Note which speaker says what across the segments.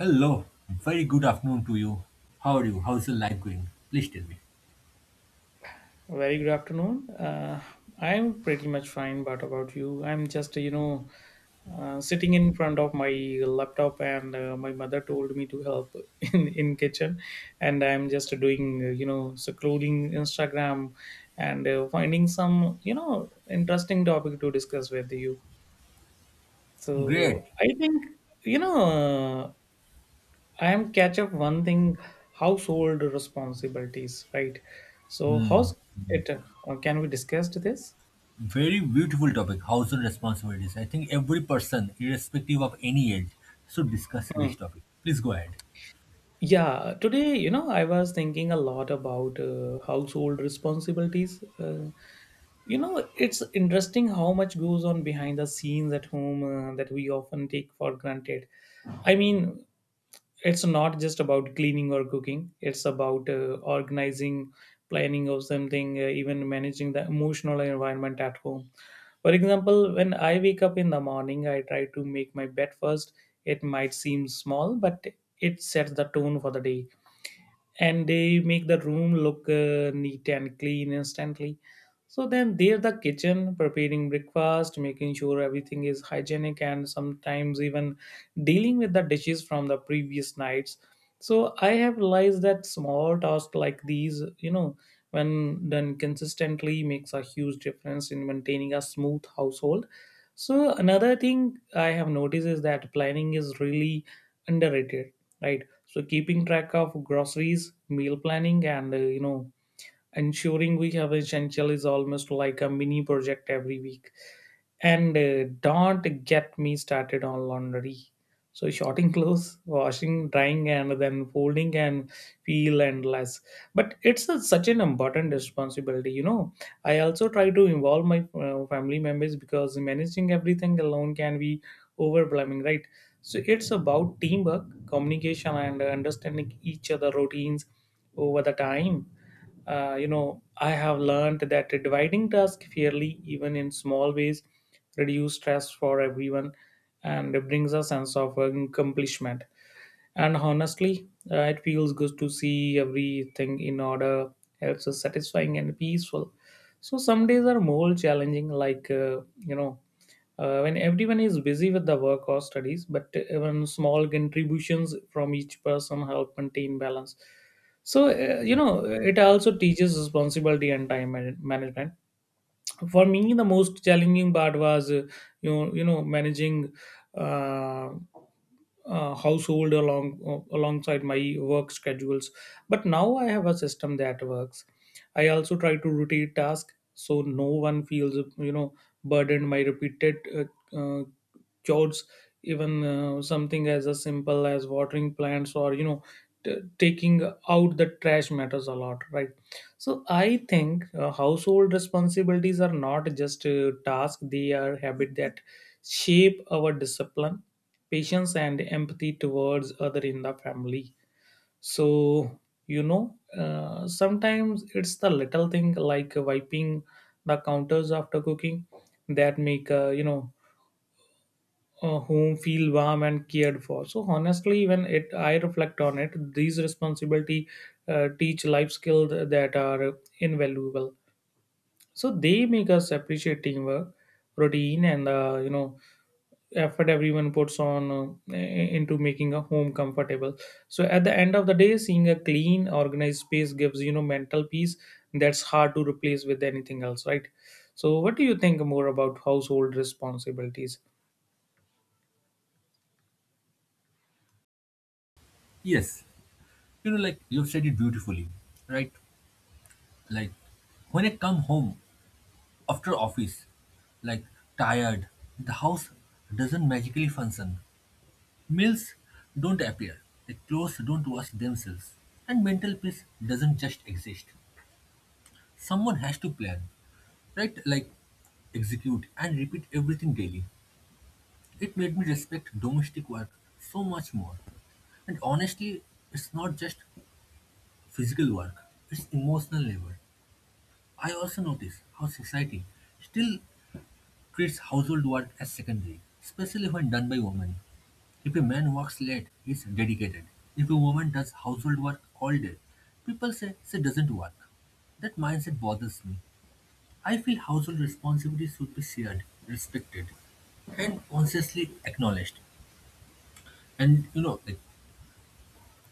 Speaker 1: Hello, very good afternoon to you. How are you? How's your life going? Please tell me.
Speaker 2: Very good afternoon. I'm pretty much fine, but about you, I'm just, you know, sitting in front of my laptop, and my mother told me to help in kitchen, and I'm just doing, you know, scrolling Instagram and finding some, you know, interesting topic to discuss with you.
Speaker 1: Great.
Speaker 2: So I think, you know, uh, I am catch up one thing household responsibilities, right? So
Speaker 1: Hmm,
Speaker 2: how's it? Can we discuss this?
Speaker 1: very beautiful topic, household responsibilities. I think every person, irrespective of any age, should discuss
Speaker 2: Hmm.
Speaker 1: this topic. Please go ahead.
Speaker 2: Yeah, today, you know, I was thinking a lot about household responsibilities. You know, it's interesting how much goes on behind the scenes at home that we often take for granted. I mean, it's not just about cleaning or cooking, it's about organizing, planning of something, even managing the emotional environment at home. For example, when I wake up in the morning, I try to make my bed first. It might seem small, but it sets the tone for the day, and they make the room look neat and clean instantly. So then they're the kitchen preparing breakfast, making sure everything is hygienic, and sometimes even dealing with the dishes from the previous nights. So I have realized that small tasks like these, you know, when done consistently, makes a huge difference in maintaining a smooth household. So another thing I have noticed is that planning is really underrated, right? So keeping track of groceries, meal planning, and you know, ensuring we have essential is almost like a mini project every week. And don't get me started on laundry, so sorting clothes, washing, drying, and then folding, and feel endless, but it's a, such an important responsibility, you know. I also try to involve my family members, because managing everything alone can be overwhelming, right? So it's about teamwork, communication, and understanding each other routines over the time. You know, I have learned that dividing tasks fairly, even in small ways, reduce stress for everyone and brings a sense of accomplishment. And honestly, it feels good to see everything in order. Helps is satisfying and peaceful. So some days are more challenging, like when everyone is busy with the work or studies. But even small contributions from each person help maintain balance. So you
Speaker 1: Yes.
Speaker 2: know, it also teaches responsibility and management. For me, the most challenging part was managing uh, household alongside my work schedules. But now I have a system that works. I also try to rotate tasks so no one feels, you know, burdened by repeated chores. Even something as simple as watering plants, or, you know, taking out the trash matters a lot, right? So I think household responsibilities are not just a task; they are habit that shape our discipline, patience, and empathy towards other in the family. So, you know, sometimes it's the little thing like wiping the counters after cooking that make, home feel warm and cared for. So honestly, when it I reflect on it, these responsibility teach life skills that are invaluable. So they make us appreciate teamwork, routine, and you know, effort everyone puts on into making a home comfortable. So at the end of the day, seeing a clean organized space gives, you know, mental peace that's hard to replace with anything else, right? So what do you think more about household responsibilities?
Speaker 1: Yes. You know, like you've said it beautifully, right? Like when I come home after office, like tired, the house doesn't magically function. Males don't appear, the clothes don't wash themselves, and mental peace doesn't just exist. Someone has to plan, right? Like execute and repeat everything daily. It made me respect domestic work so much more. And honestly, it's not just physical work, it's emotional labor. I also notice how society still treats household work as secondary, especially when done by women. If a man works late, he's dedicated. If a woman does household work all day, people say she doesn't work. That mindset bothers me. I feel household responsibilities should be shared, respected, and consciously acknowledged. And you know, like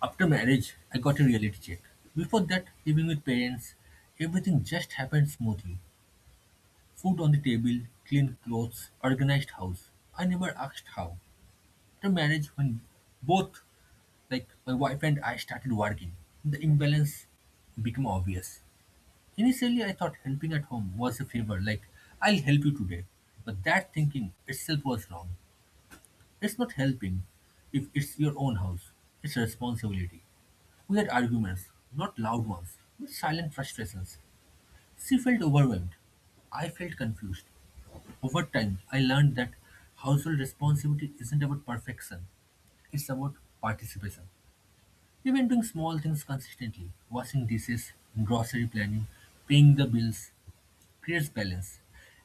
Speaker 1: after marriage, I got a reality check. Before that, living with parents, everything just happened smoothly. Food on the table, clean clothes, organized house. I never asked how. After marriage, when both like my wife and I started working, the imbalance became obvious. Initially, I thought helping at home was a favor, like I'll help you today. But that thinking itself was wrong. It's not helping if it's your own house, it's responsibility. We had arguments, not loud ones, but silent frustrations. She felt overwhelmed. I felt confused. Over time, I learned that household responsibility isn't about perfection, it's about participation. Even doing small things consistently, washing dishes, grocery planning, paying the bills, creates balance.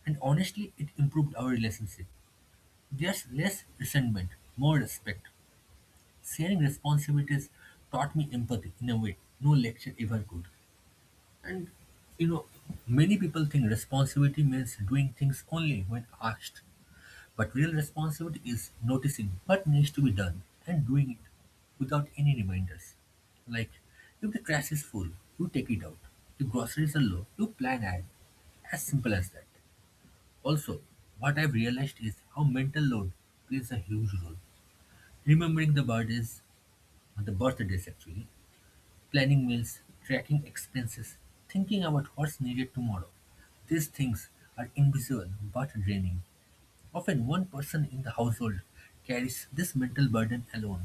Speaker 1: And honestly, it improved our relationship. There's less resentment, more respect. Sharing responsibilities taught me empathy in a way no lecture ever could. And you know, many people think responsibility means doing things only when asked. But real responsibility is noticing what needs to be done and doing it without any reminders. Like, if the trash is full, you take it out. If groceries are low, you plan ahead. As simple as that. Also, what I've realized is how mental load plays a huge role. Remembering the birthdays actually, planning meals, tracking expenses, thinking about what's needed tomorrow. These things are invisible but draining. Often one person in the household carries this mental burden alone,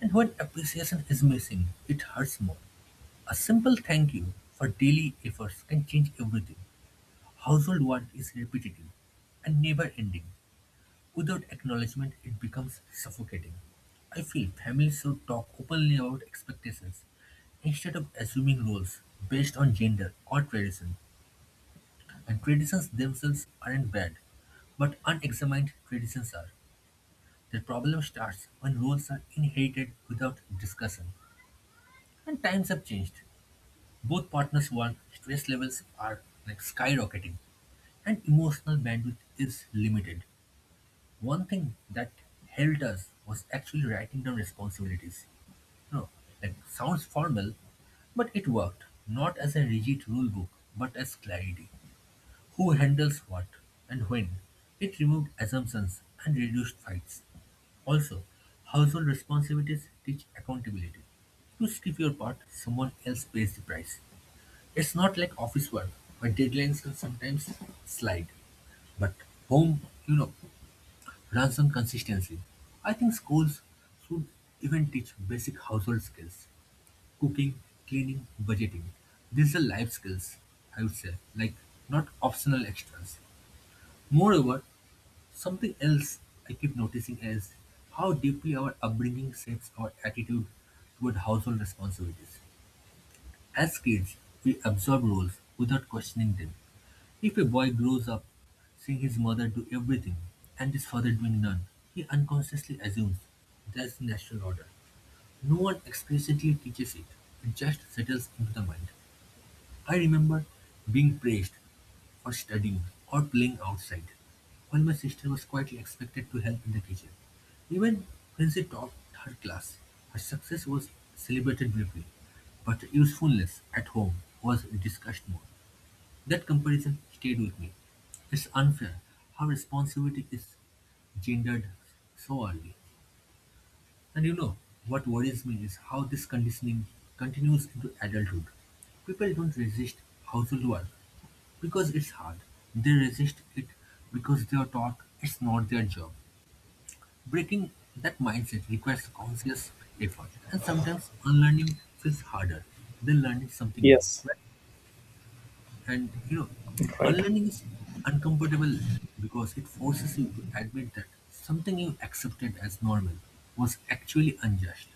Speaker 1: and when appreciation is missing, it hurts more. A simple thank you for daily efforts can change everything. Household work is repetitive and never ending. Without acknowledgement, it becomes suffocating. I feel families should talk openly about expectations instead of assuming roles based on gender or tradition. And traditions themselves aren't bad, but unexamined traditions are. The problem starts when roles are inherited without discussion. And times have changed. Both partners work, stress levels are like skyrocketing, and emotional bandwidth is limited. One thing that helped us was actually writing down responsibilities. No, like sounds formal, but it worked, not as a rigid rule book, but as clarity who handles what and when. It removed assumptions and reduced fights. Also, household responsibilities teach accountability. You skip your part, someone else pays the price. It's not like office work where deadlines can sometimes slide. But home, you know, runs on consistency. I think schools should even teach basic household skills cooking, cleaning, budgeting. These are life skills, I would say, like not optional extras. Moreover, something else I keep noticing is how deeply our upbringing shapes our attitude toward household responsibilities. As kids, we absorb roles without questioning them. If a boy grows up seeing his mother do everything and his father doing none, he unconsciously assumes that's the natural order. No one explicitly teaches it, it just settles into the mind. I remember being praised for studying or playing outside, while my sister was quietly expected to help in the kitchen. Even when she taught her class, her success was celebrated briefly, but her usefulness at home was discussed more. That comparison stayed with me. It's unfair how responsibility is gendered so early. And you know, what worries me is how this conditioning continues into adulthood. People don't resist household work because it's hard. They resist it because they are taught it's not their job. Breaking that mindset requires conscious effort, and sometimes unlearning feels harder than learning something new.
Speaker 2: Yes.
Speaker 1: Right? And you know,
Speaker 2: Right.
Speaker 1: unlearning is uncomfortable because it forces you to admit that something you accepted as normal was actually unjust.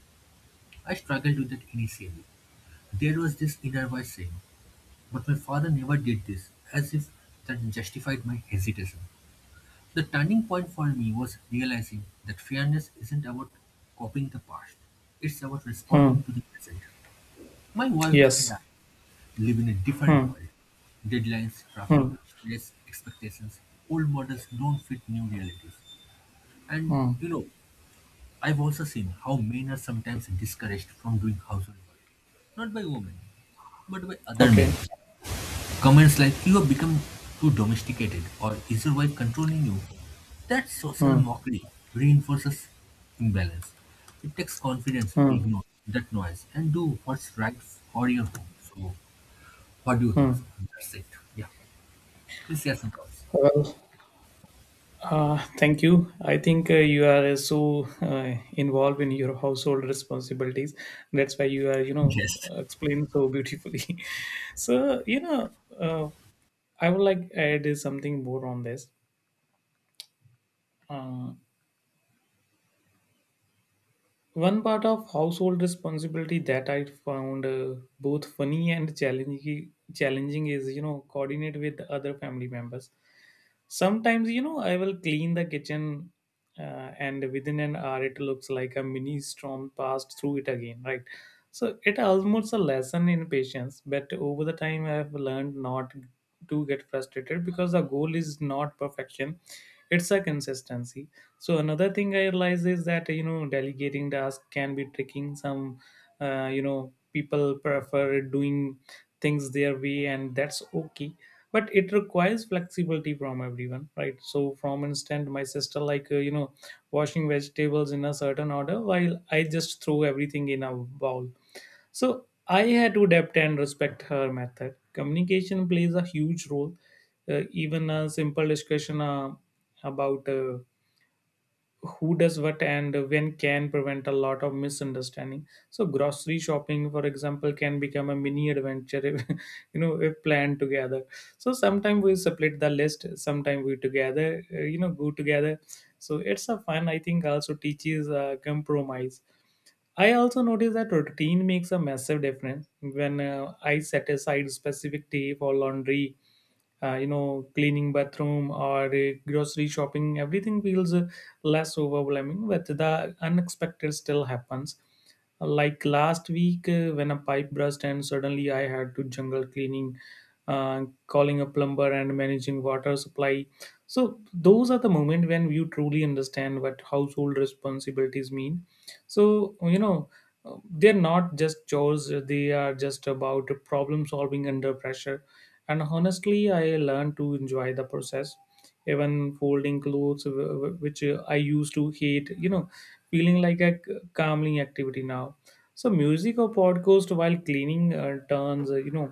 Speaker 1: I struggled with that initially. There was this inner voice saying, but my father never did this, as if that justified my hesitation. The turning point for me was realizing that fairness isn't about copying the past, it's about
Speaker 2: Hmm.
Speaker 1: responding to the present. My wife and
Speaker 2: Yes.
Speaker 1: I live in a different
Speaker 2: Hmm.
Speaker 1: world. Deadlines, traffic,
Speaker 2: Hmm.
Speaker 1: stress, expectations, old models don't fit new realities. And
Speaker 2: Hmm.
Speaker 1: you know, I've also seen how men are sometimes discouraged from doing household work not by women, but by other men,
Speaker 2: Okay.
Speaker 1: comments like you have become too domesticated or is your wife controlling you? That social
Speaker 2: Hmm.
Speaker 1: mockery reinforces imbalance. It takes confidence to
Speaker 2: Hmm.
Speaker 1: ignore that noise and do what's right for your home. So, what do you think?
Speaker 2: Hmm.
Speaker 1: So, that's it. Yeah. Please share some thoughts.
Speaker 2: Well, thank you. I think you are so involved in your household responsibilities. That's why you are, you know,
Speaker 1: Yes.
Speaker 2: explain so beautifully. So, you know, uh, I would like add something more on this. Uh, One part of household responsibility that I found both funny and challenging is, you know, coordinate with other family members. Sometimes, you know, I will clean the kitchen, and within an hour it looks like a mini storm passed through it again, right? So it almost a lesson in patience, but over the time I have learned not to get frustrated because the goal is not perfection. It's a consistency. So another thing I realize is that, you know, delegating tasks can be tricking. Some, you know, people prefer doing things their way, and that's okay, but it requires flexibility from everyone, right? So from instant my sister, like, you know, washing vegetables in a certain order, while I just throw everything in a bowl. So I had to adapt and respect her method. Communication plays a huge role. Even a simple discussion about who does what and when can prevent a lot of misunderstanding. So grocery shopping, for example, can become a mini adventure if you know, if planned together. So sometimes we split the list, sometimes we together, you know, go together. So it's a fun, I think, also teaches compromise. I also notice that routine makes a massive difference when I set aside specific day for laundry, you know, cleaning bathroom or grocery shopping, everything feels less overwhelming. But the unexpected still happens, like last week when a pipe burst, and suddenly I had to jungle cleaning, calling a plumber, and managing water supply. So those are the moment when you truly understand what household responsibilities mean. So, you know, they're not just chores, they are just about problem solving under pressure. And honestly, I learned to enjoy the process. Even folding clothes, which I used to hate, you know, feeling like a calming activity now. So music or podcast while cleaning turns, uh, you know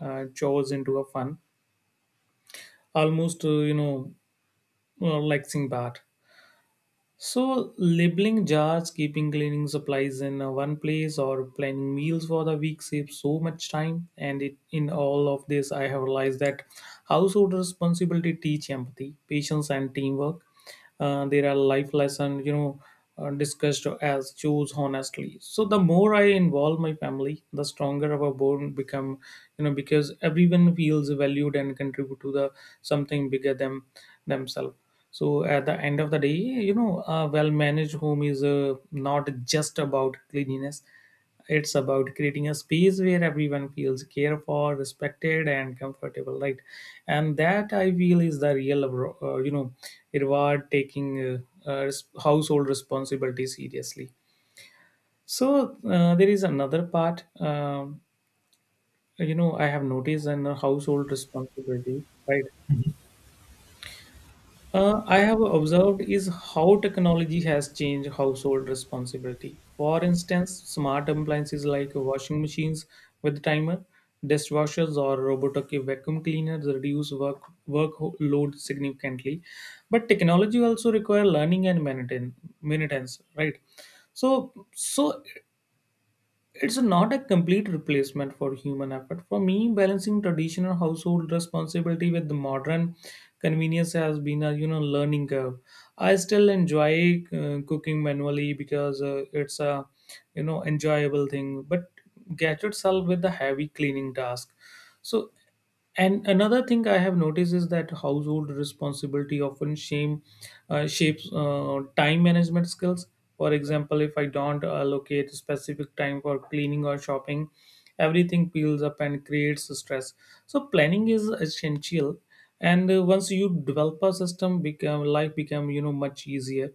Speaker 2: uh, chores into a fun, almost, like sing. So, labeling jars, keeping cleaning supplies in one place, or planning meals for the week saves so much time. And it, in all of this, I have realized that household responsibility teach empathy, patience, and teamwork. There are life lessons, you know, discussed as choose honestly. So, the more I involve my family, the stronger our bond become, you know, because everyone feels valued and contribute to the something bigger than themselves. So at the end of the day, you know, a well-managed home is not just about cleanliness. It's about creating a space where everyone feels cared for, respected, and comfortable, right? And that I feel is the real, reward taking household responsibility seriously. So there is another part. You know, I have noticed in household responsibilities, right? I have observed is how technology has changed household responsibility. For instance, smart appliances like washing machines with timer, dishwashers, or robotic vacuum cleaners reduce workload significantly. But technology also require learning and maintenance, right? So it's not a complete replacement for human effort. For me, balancing traditional household responsibility with the modern convenience has been a, you know, learning curve. I still enjoy cooking manually, because it's a, you know, enjoyable thing, but gadgets help with the heavy cleaning task. So. And another thing I have noticed is that household responsibility often shapes time management skills. For example, if I don't allocate specific time for cleaning or shopping, everything piles up and creates stress. So, planning is essential, and once you develop a system, become life become, you know, much easier.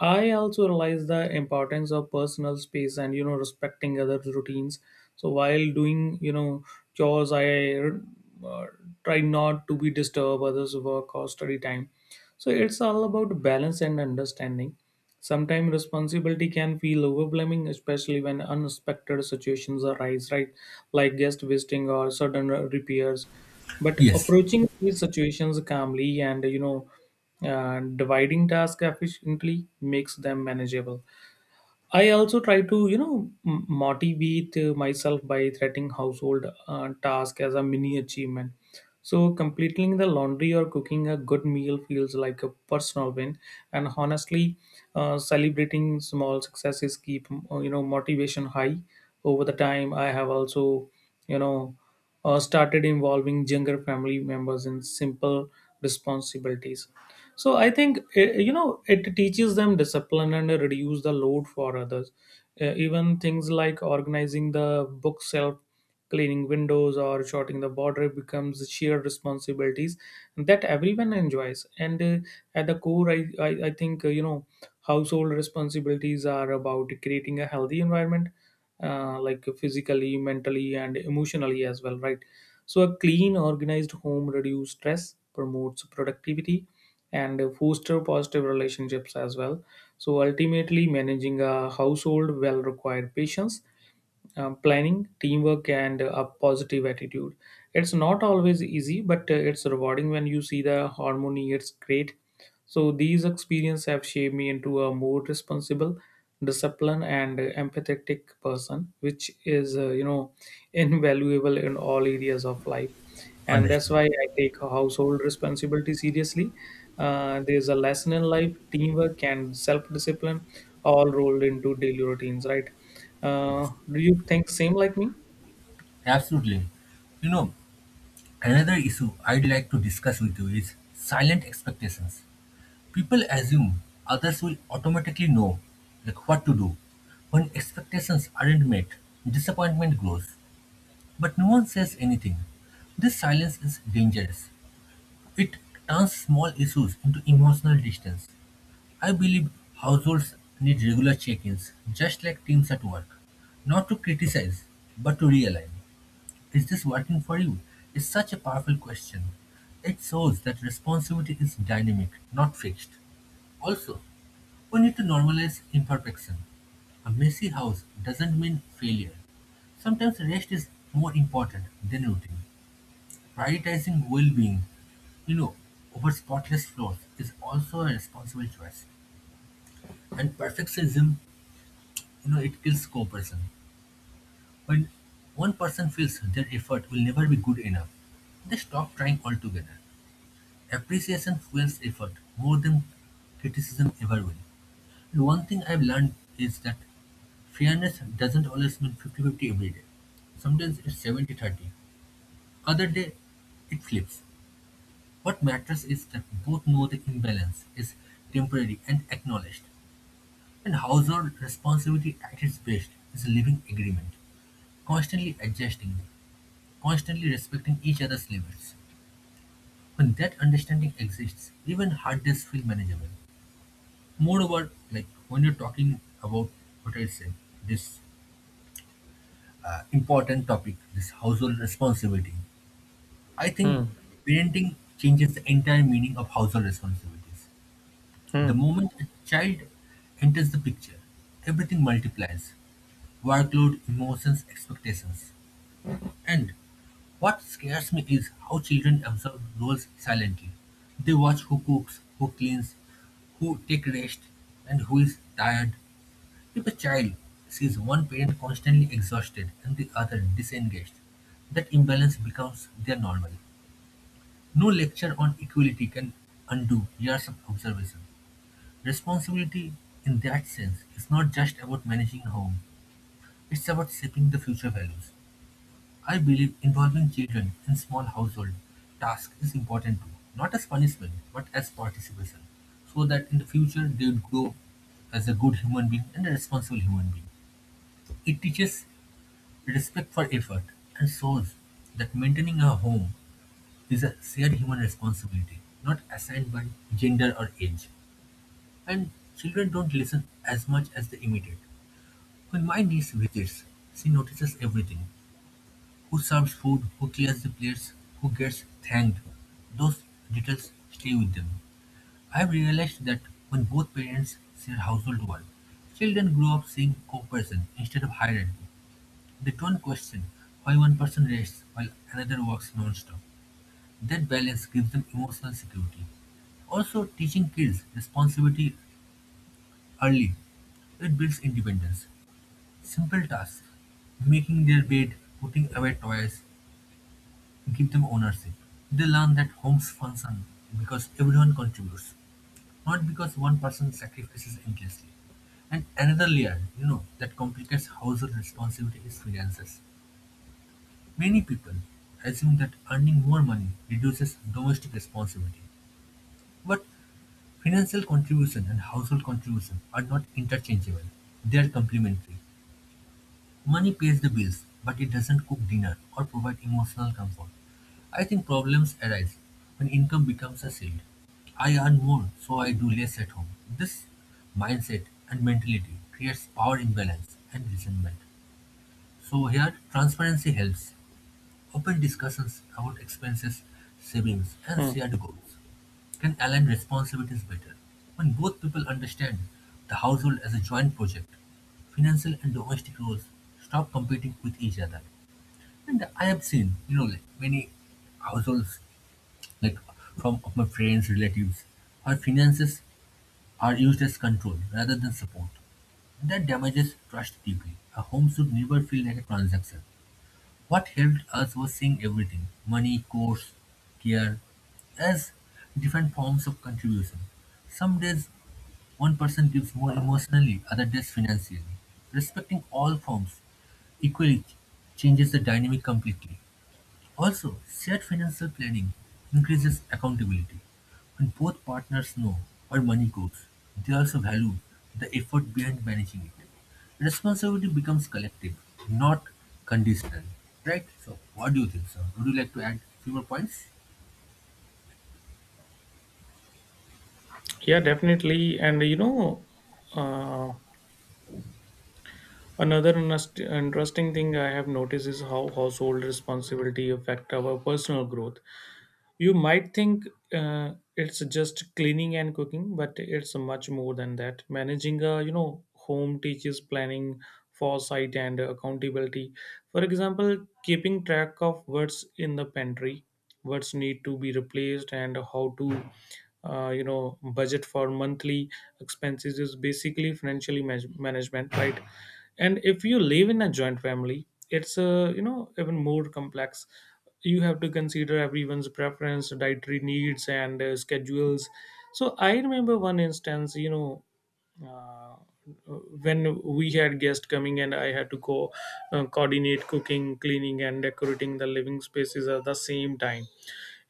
Speaker 2: I also realize the importance of personal space and, you know, respecting other routines. So while doing, you know, chores, I uh, try not to be disturbed others work or study time. So it's all about balance and understanding. Sometimes responsibility can feel overwhelming, especially when unexpected situations arise, right? Like guest visiting or sudden repairs. But
Speaker 1: Yes.
Speaker 2: approaching these situations calmly and, you know, dividing tasks efficiently makes them manageable. I also try to, you know, motivate myself by threatening household task as a mini achievement. So completing the laundry or cooking a good meal feels like a personal win. And honestly, celebrating small successes keep, you know, motivation high. Over the time, I have also, you know, started involving younger family members in simple responsibilities. So I think, you know, it teaches them discipline and reduce the load for others. Even things like organizing the bookshelf, cleaning windows, or sorting the border becomes shared responsibilities that everyone enjoys. And at the core, I think, you know, household responsibilities are about creating a healthy environment, like physically, mentally, and emotionally as well, right? So a clean organized home reduces stress, promotes productivity, and foster positive relationships as well. So ultimately managing a household well required patience, planning, teamwork, and a positive attitude. It's not always easy, but it's rewarding when you see the harmony. It's great. So these experiences have shaped me into a more responsible, disciplined, and empathetic person, which is invaluable in all areas of life. And that's
Speaker 1: Understood.
Speaker 2: why I take household responsibility seriously. There's a lesson in life, teamwork and self-discipline, all rolled into daily routines, right?
Speaker 1: Yes.
Speaker 2: Do you think same like me?
Speaker 1: Absolutely. You know, another issue I'd like to discuss with you is silent expectations. People assume others will automatically know like what to do. When expectations aren't met, disappointment grows. But no one says anything. This silence is dangerous. It turns small issues into emotional distance. I believe households need regular check-ins, just like teams at work. Not to criticize, but to realign. Is this working for you? Is such a powerful question. It shows that responsibility is dynamic, not fixed. Also, we need to normalize imperfection. A messy house doesn't mean failure. Sometimes rest is more important than routine. Prioritizing well-being, you know, over spotless floors is also a responsible choice. And perfectionism, you know, it kills cooperation. When one person feels their effort will never be good enough, they stop trying altogether. Appreciation fuels effort more than criticism ever will. One thing I've learned is that fairness doesn't always mean 50-50. Sometimes it's 70-30. Other day, it flips. What matters is that both know the imbalance is temporary and acknowledged. And household responsibility at its best is a living agreement, constantly adjusting, constantly respecting each other's limits. When that understanding exists, even hard days feel manageable. Moreover, like when you're talking about what I said, this important topic, this household responsibility. I think
Speaker 2: Hmm,
Speaker 1: parenting changes the entire meaning of household responsibilities. The
Speaker 2: hmm,
Speaker 1: moment a child enters the picture, everything multiplies workload, emotions, expectations. And what scares me is how children absorb roles silently. They watch who cooks, who cleans, who take rest, and who is tired. If a child sees one parent constantly exhausted and the other disengaged, that imbalance becomes their normal. No lecture on equality can undo years of observation. Responsibility, in that sense, is not just about managing home, it's about shaping the future values. I believe involving children in small household tasks is important too, not as punishment, but as participation, so that in the future they would grow as a good human being and a responsible human being. It teaches respect for effort, and shows that maintaining a home is a shared human responsibility, not assigned by gender or age. And children don't listen as much as they imitate. When my niece visits, she notices everything who serves food, who clears the plates, who gets thanked. Those details stay with them. I've realized that when both parents share household work, children grow up seeing cooperation instead of hierarchy. They don't question why one person rests while another works non-stop. That balance gives them emotional security. Also, teaching kids responsibility early. It builds independence. Simple tasks, making their bed, putting away toys, give them ownership. They learn that homes function because everyone contributes, not because one person sacrifices endlessly. And another layer, you know, that complicates household responsibility is finances. Many people assume that earning more money reduces domestic responsibility, but financial contribution and household contribution are not interchangeable. They are complementary. Money pays the bills, but it doesn't cook dinner or provide emotional comfort. I think problems arise when income becomes a shield. I earn more, so I do less at home. This mindset and mentality creates power imbalance and resentment. So here, transparency helps. Open discussions about expenses, savings, and
Speaker 2: hmm.
Speaker 1: shared goals can align responsibilities better. When both people understand the household as a joint project, financial and domestic roles stop competing with each other. And I have seen, you know, like many households, like from of my friends, relatives, where finances are used as control rather than support. That damages trust deeply. A home should never feel like a transaction. What helped us was seeing everything money, course, care as different forms of contribution. Some days one person gives more emotionally, other days financially. Respecting all forms equally changes the dynamic completely. Also, shared financial planning increases accountability. When both partners know where money goes, they also value the effort behind managing it. Responsibility becomes collective, not conditional. Right? So, what do you think, sir? Would you like to add few more points?
Speaker 2: Yeah, definitely. And you know, uh, another interesting thing I have noticed is how household responsibility affect our personal growth. You might think it's just cleaning and cooking, but it's much more than that. Managing a, you know, home teaches planning, foresight, and accountability. For example, keeping track of what's in the pantry, what's need to be replaced, and how to budget for monthly expenses is basically management, right? And if you live in a joint family, it's even more complex. You have to consider everyone's preference, dietary needs, and schedules. So I remember one instance, you know, uh, when we had guests coming and I had to go coordinate cooking, cleaning, and decorating the living spaces at the same time.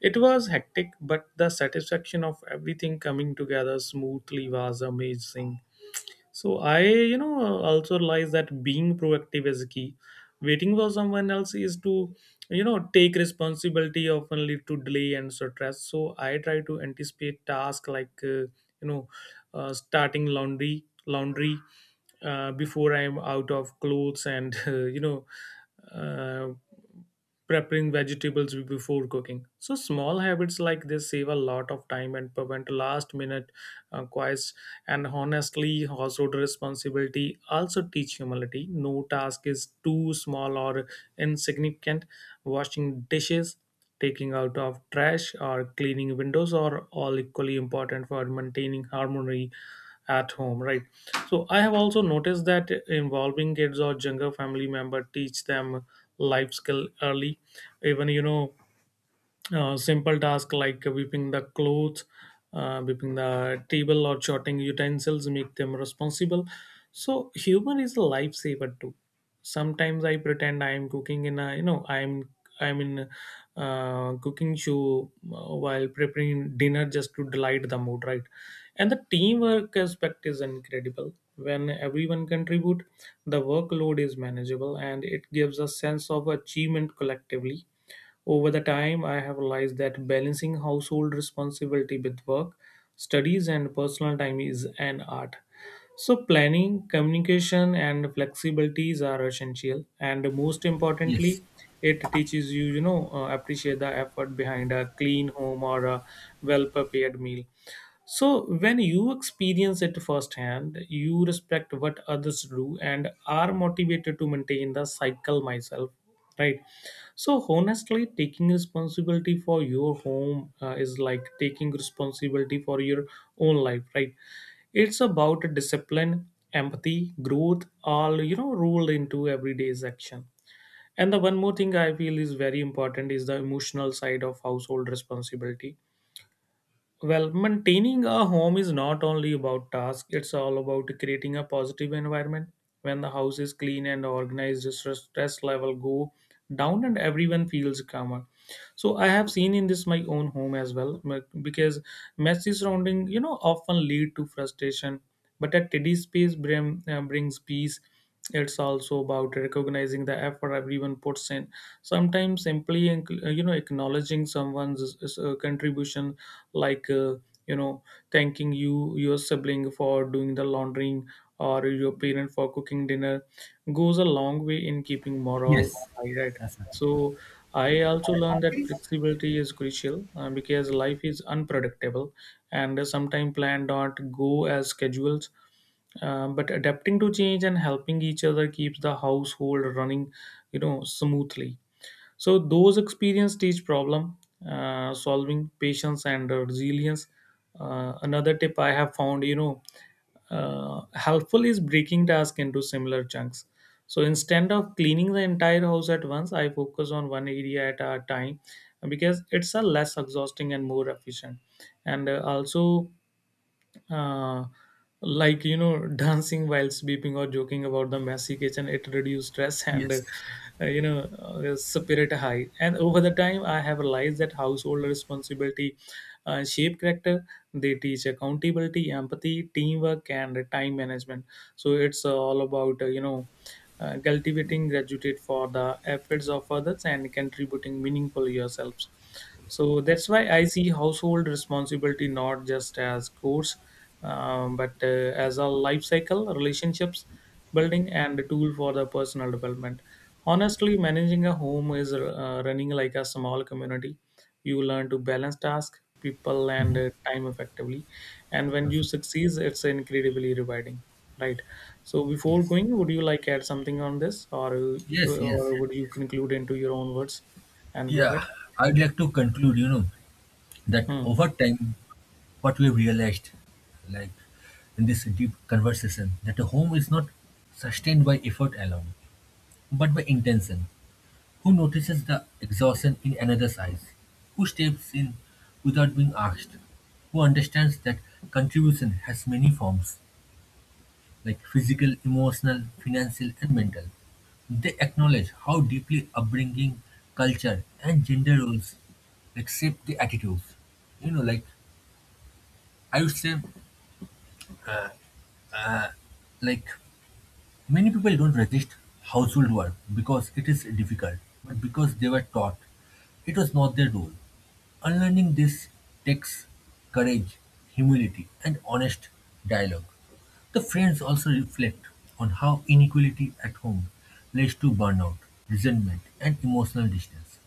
Speaker 2: It was hectic, but the satisfaction of everything coming together smoothly was amazing. So I, you know, also realized that being proactive is key. Waiting for someone else is to, you know, take responsibility often lead to delay and stress. So I try to anticipate tasks like, you know, starting laundry before I'm out of clothes, and uh, preparing vegetables before cooking. So small habits like this save a lot of time and prevent last minute quiet. And honestly, household responsibility also teach humility. No task is too small or insignificant. Washing dishes, taking out of trash, or cleaning windows are all equally important for maintaining harmony at home, right? So I have also noticed that involving kids or younger family member teach them life skill early. Even, you know, simple tasks like whipping the clothes, whipping the table, or sorting utensils make them responsible. So humor is a lifesaver too. Sometimes I pretend I am cooking in a, you know, I'm in a, cooking show while preparing dinner, just to delight the mood, right? And the teamwork aspect is incredible. When everyone contribute, the workload is manageable and it gives a sense of achievement collectively. Over the time, I have realized that balancing household responsibility with work, studies, and personal time is an art. So planning, communication, and flexibilities are essential. And most
Speaker 1: Yes.
Speaker 2: importantly, it teaches you, you know, appreciate the effort behind a clean home or a well prepared meal. So when you experience it firsthand, you respect what others do and are motivated to maintain the cycle myself, right? So honestly, taking responsibility for your home is like taking responsibility for your own life, right? It's about discipline, empathy, growth, all, you know, rolled into everyday's action. And the one more thing I feel is very important is the emotional side of household responsibility. Well, maintaining a home is not only about tasks, it's all about creating a positive environment. When the house is clean and organized, the stress level go down and everyone feels calmer. So I have seen in this my own home as well, because messy surrounding, you know, often lead to frustration. But a tidy space brings peace. It's also about recognizing the effort everyone puts in. Sometimes simply, acknowledging someone's contribution, like, you know thanking you your sibling for doing the laundry, or your parent for cooking dinner, goes a long way in keeping
Speaker 1: Yes.
Speaker 2: morale high, right?
Speaker 1: That's right.
Speaker 2: So I also learned that flexibility is crucial, because life is unpredictable and sometimes plans don't go as schedules. But adapting to change and helping each other keeps the household running, you know, smoothly. So those experience teach problem solving, patience, and resilience. Another tip I have found, you know, helpful is breaking task into similar chunks. So instead of cleaning the entire house at once, I focus on one area at a time because it's a less exhausting and more efficient. And also, uh, like, you know, dancing while sleeping or joking about the messy kitchen, it reduces stress and,
Speaker 1: Yes.
Speaker 2: spirit high. And over the time I have realized that household responsibility shape character. They teach accountability, empathy, teamwork, and time management. So it's, all about, cultivating gratitude for the efforts of others and contributing meaningful yourselves. So that's why I see household responsibility not just as chores, but as a life cycle, relationships building, and a tool for the personal development. Honestly, managing a home is running like a small community. You learn to balance tasks, people, and
Speaker 1: Mhm.
Speaker 2: time effectively. And when you
Speaker 1: Absolutely.
Speaker 2: succeed, it's incredibly rewarding. Right. So before
Speaker 1: Yes.
Speaker 2: going, would you like add something on this, or uh,
Speaker 1: Yes, yes.
Speaker 2: or would you conclude into your own words and go
Speaker 1: Yeah,
Speaker 2: ahead?
Speaker 1: I'd like to conclude, you know, that
Speaker 2: Hmm.
Speaker 1: over time, what we realized, like in this deep conversation, that a home is not sustained by effort alone, but by intention. Who notices the exhaustion in another's eyes? Who steps in without being asked? Who understands that contribution has many forms, like physical, emotional, financial, and mental? They acknowledge how deeply upbringing, culture, and gender roles like shape the attitudes. You know, like I would say, like, many people don't resist household work because it is difficult, but because they were taught it was not their role. Unlearning this takes courage, humility, and honest dialogue. The friends also reflect on how inequality at home leads to burnout, resentment, and emotional distance.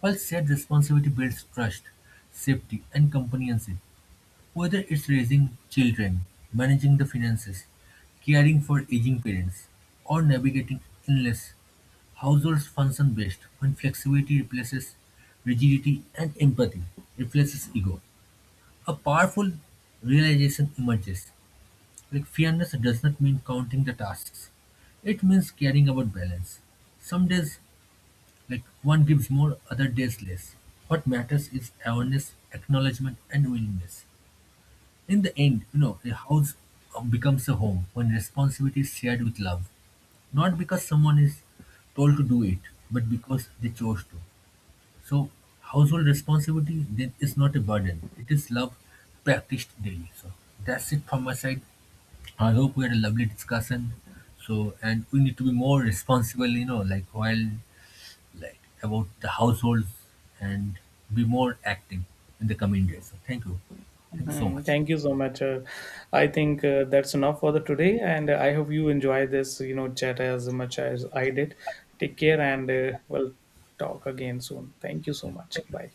Speaker 1: While shared responsibility builds trust, safety, and companionship, whether it's raising children, managing the finances, caring for aging parents, or navigating illness, households function best when flexibility replaces rigidity and empathy replaces ego. A powerful realization emerges. Like fairness does not mean counting the tasks. It means caring about balance. Some days, like one gives more, other days less. What matters is awareness, acknowledgement, and willingness. In the end, you know, a house becomes a home when responsibility is shared with love, not because someone is told to do it, but because they chose to. So, household responsibility then is not a burden; it is love practiced daily. So, that's it from my side. I hope we had a lovely discussion. So, and we need to be more responsible, you know, like while like about the households and be more active in the coming days. So, thank you so
Speaker 2: Mhm.
Speaker 1: much.
Speaker 2: Thank you so much. I think that's enough for the today, and I hope you enjoy this, you know, chat as much as I did. Take care, and we'll talk again soon. Thank you so much. Bye.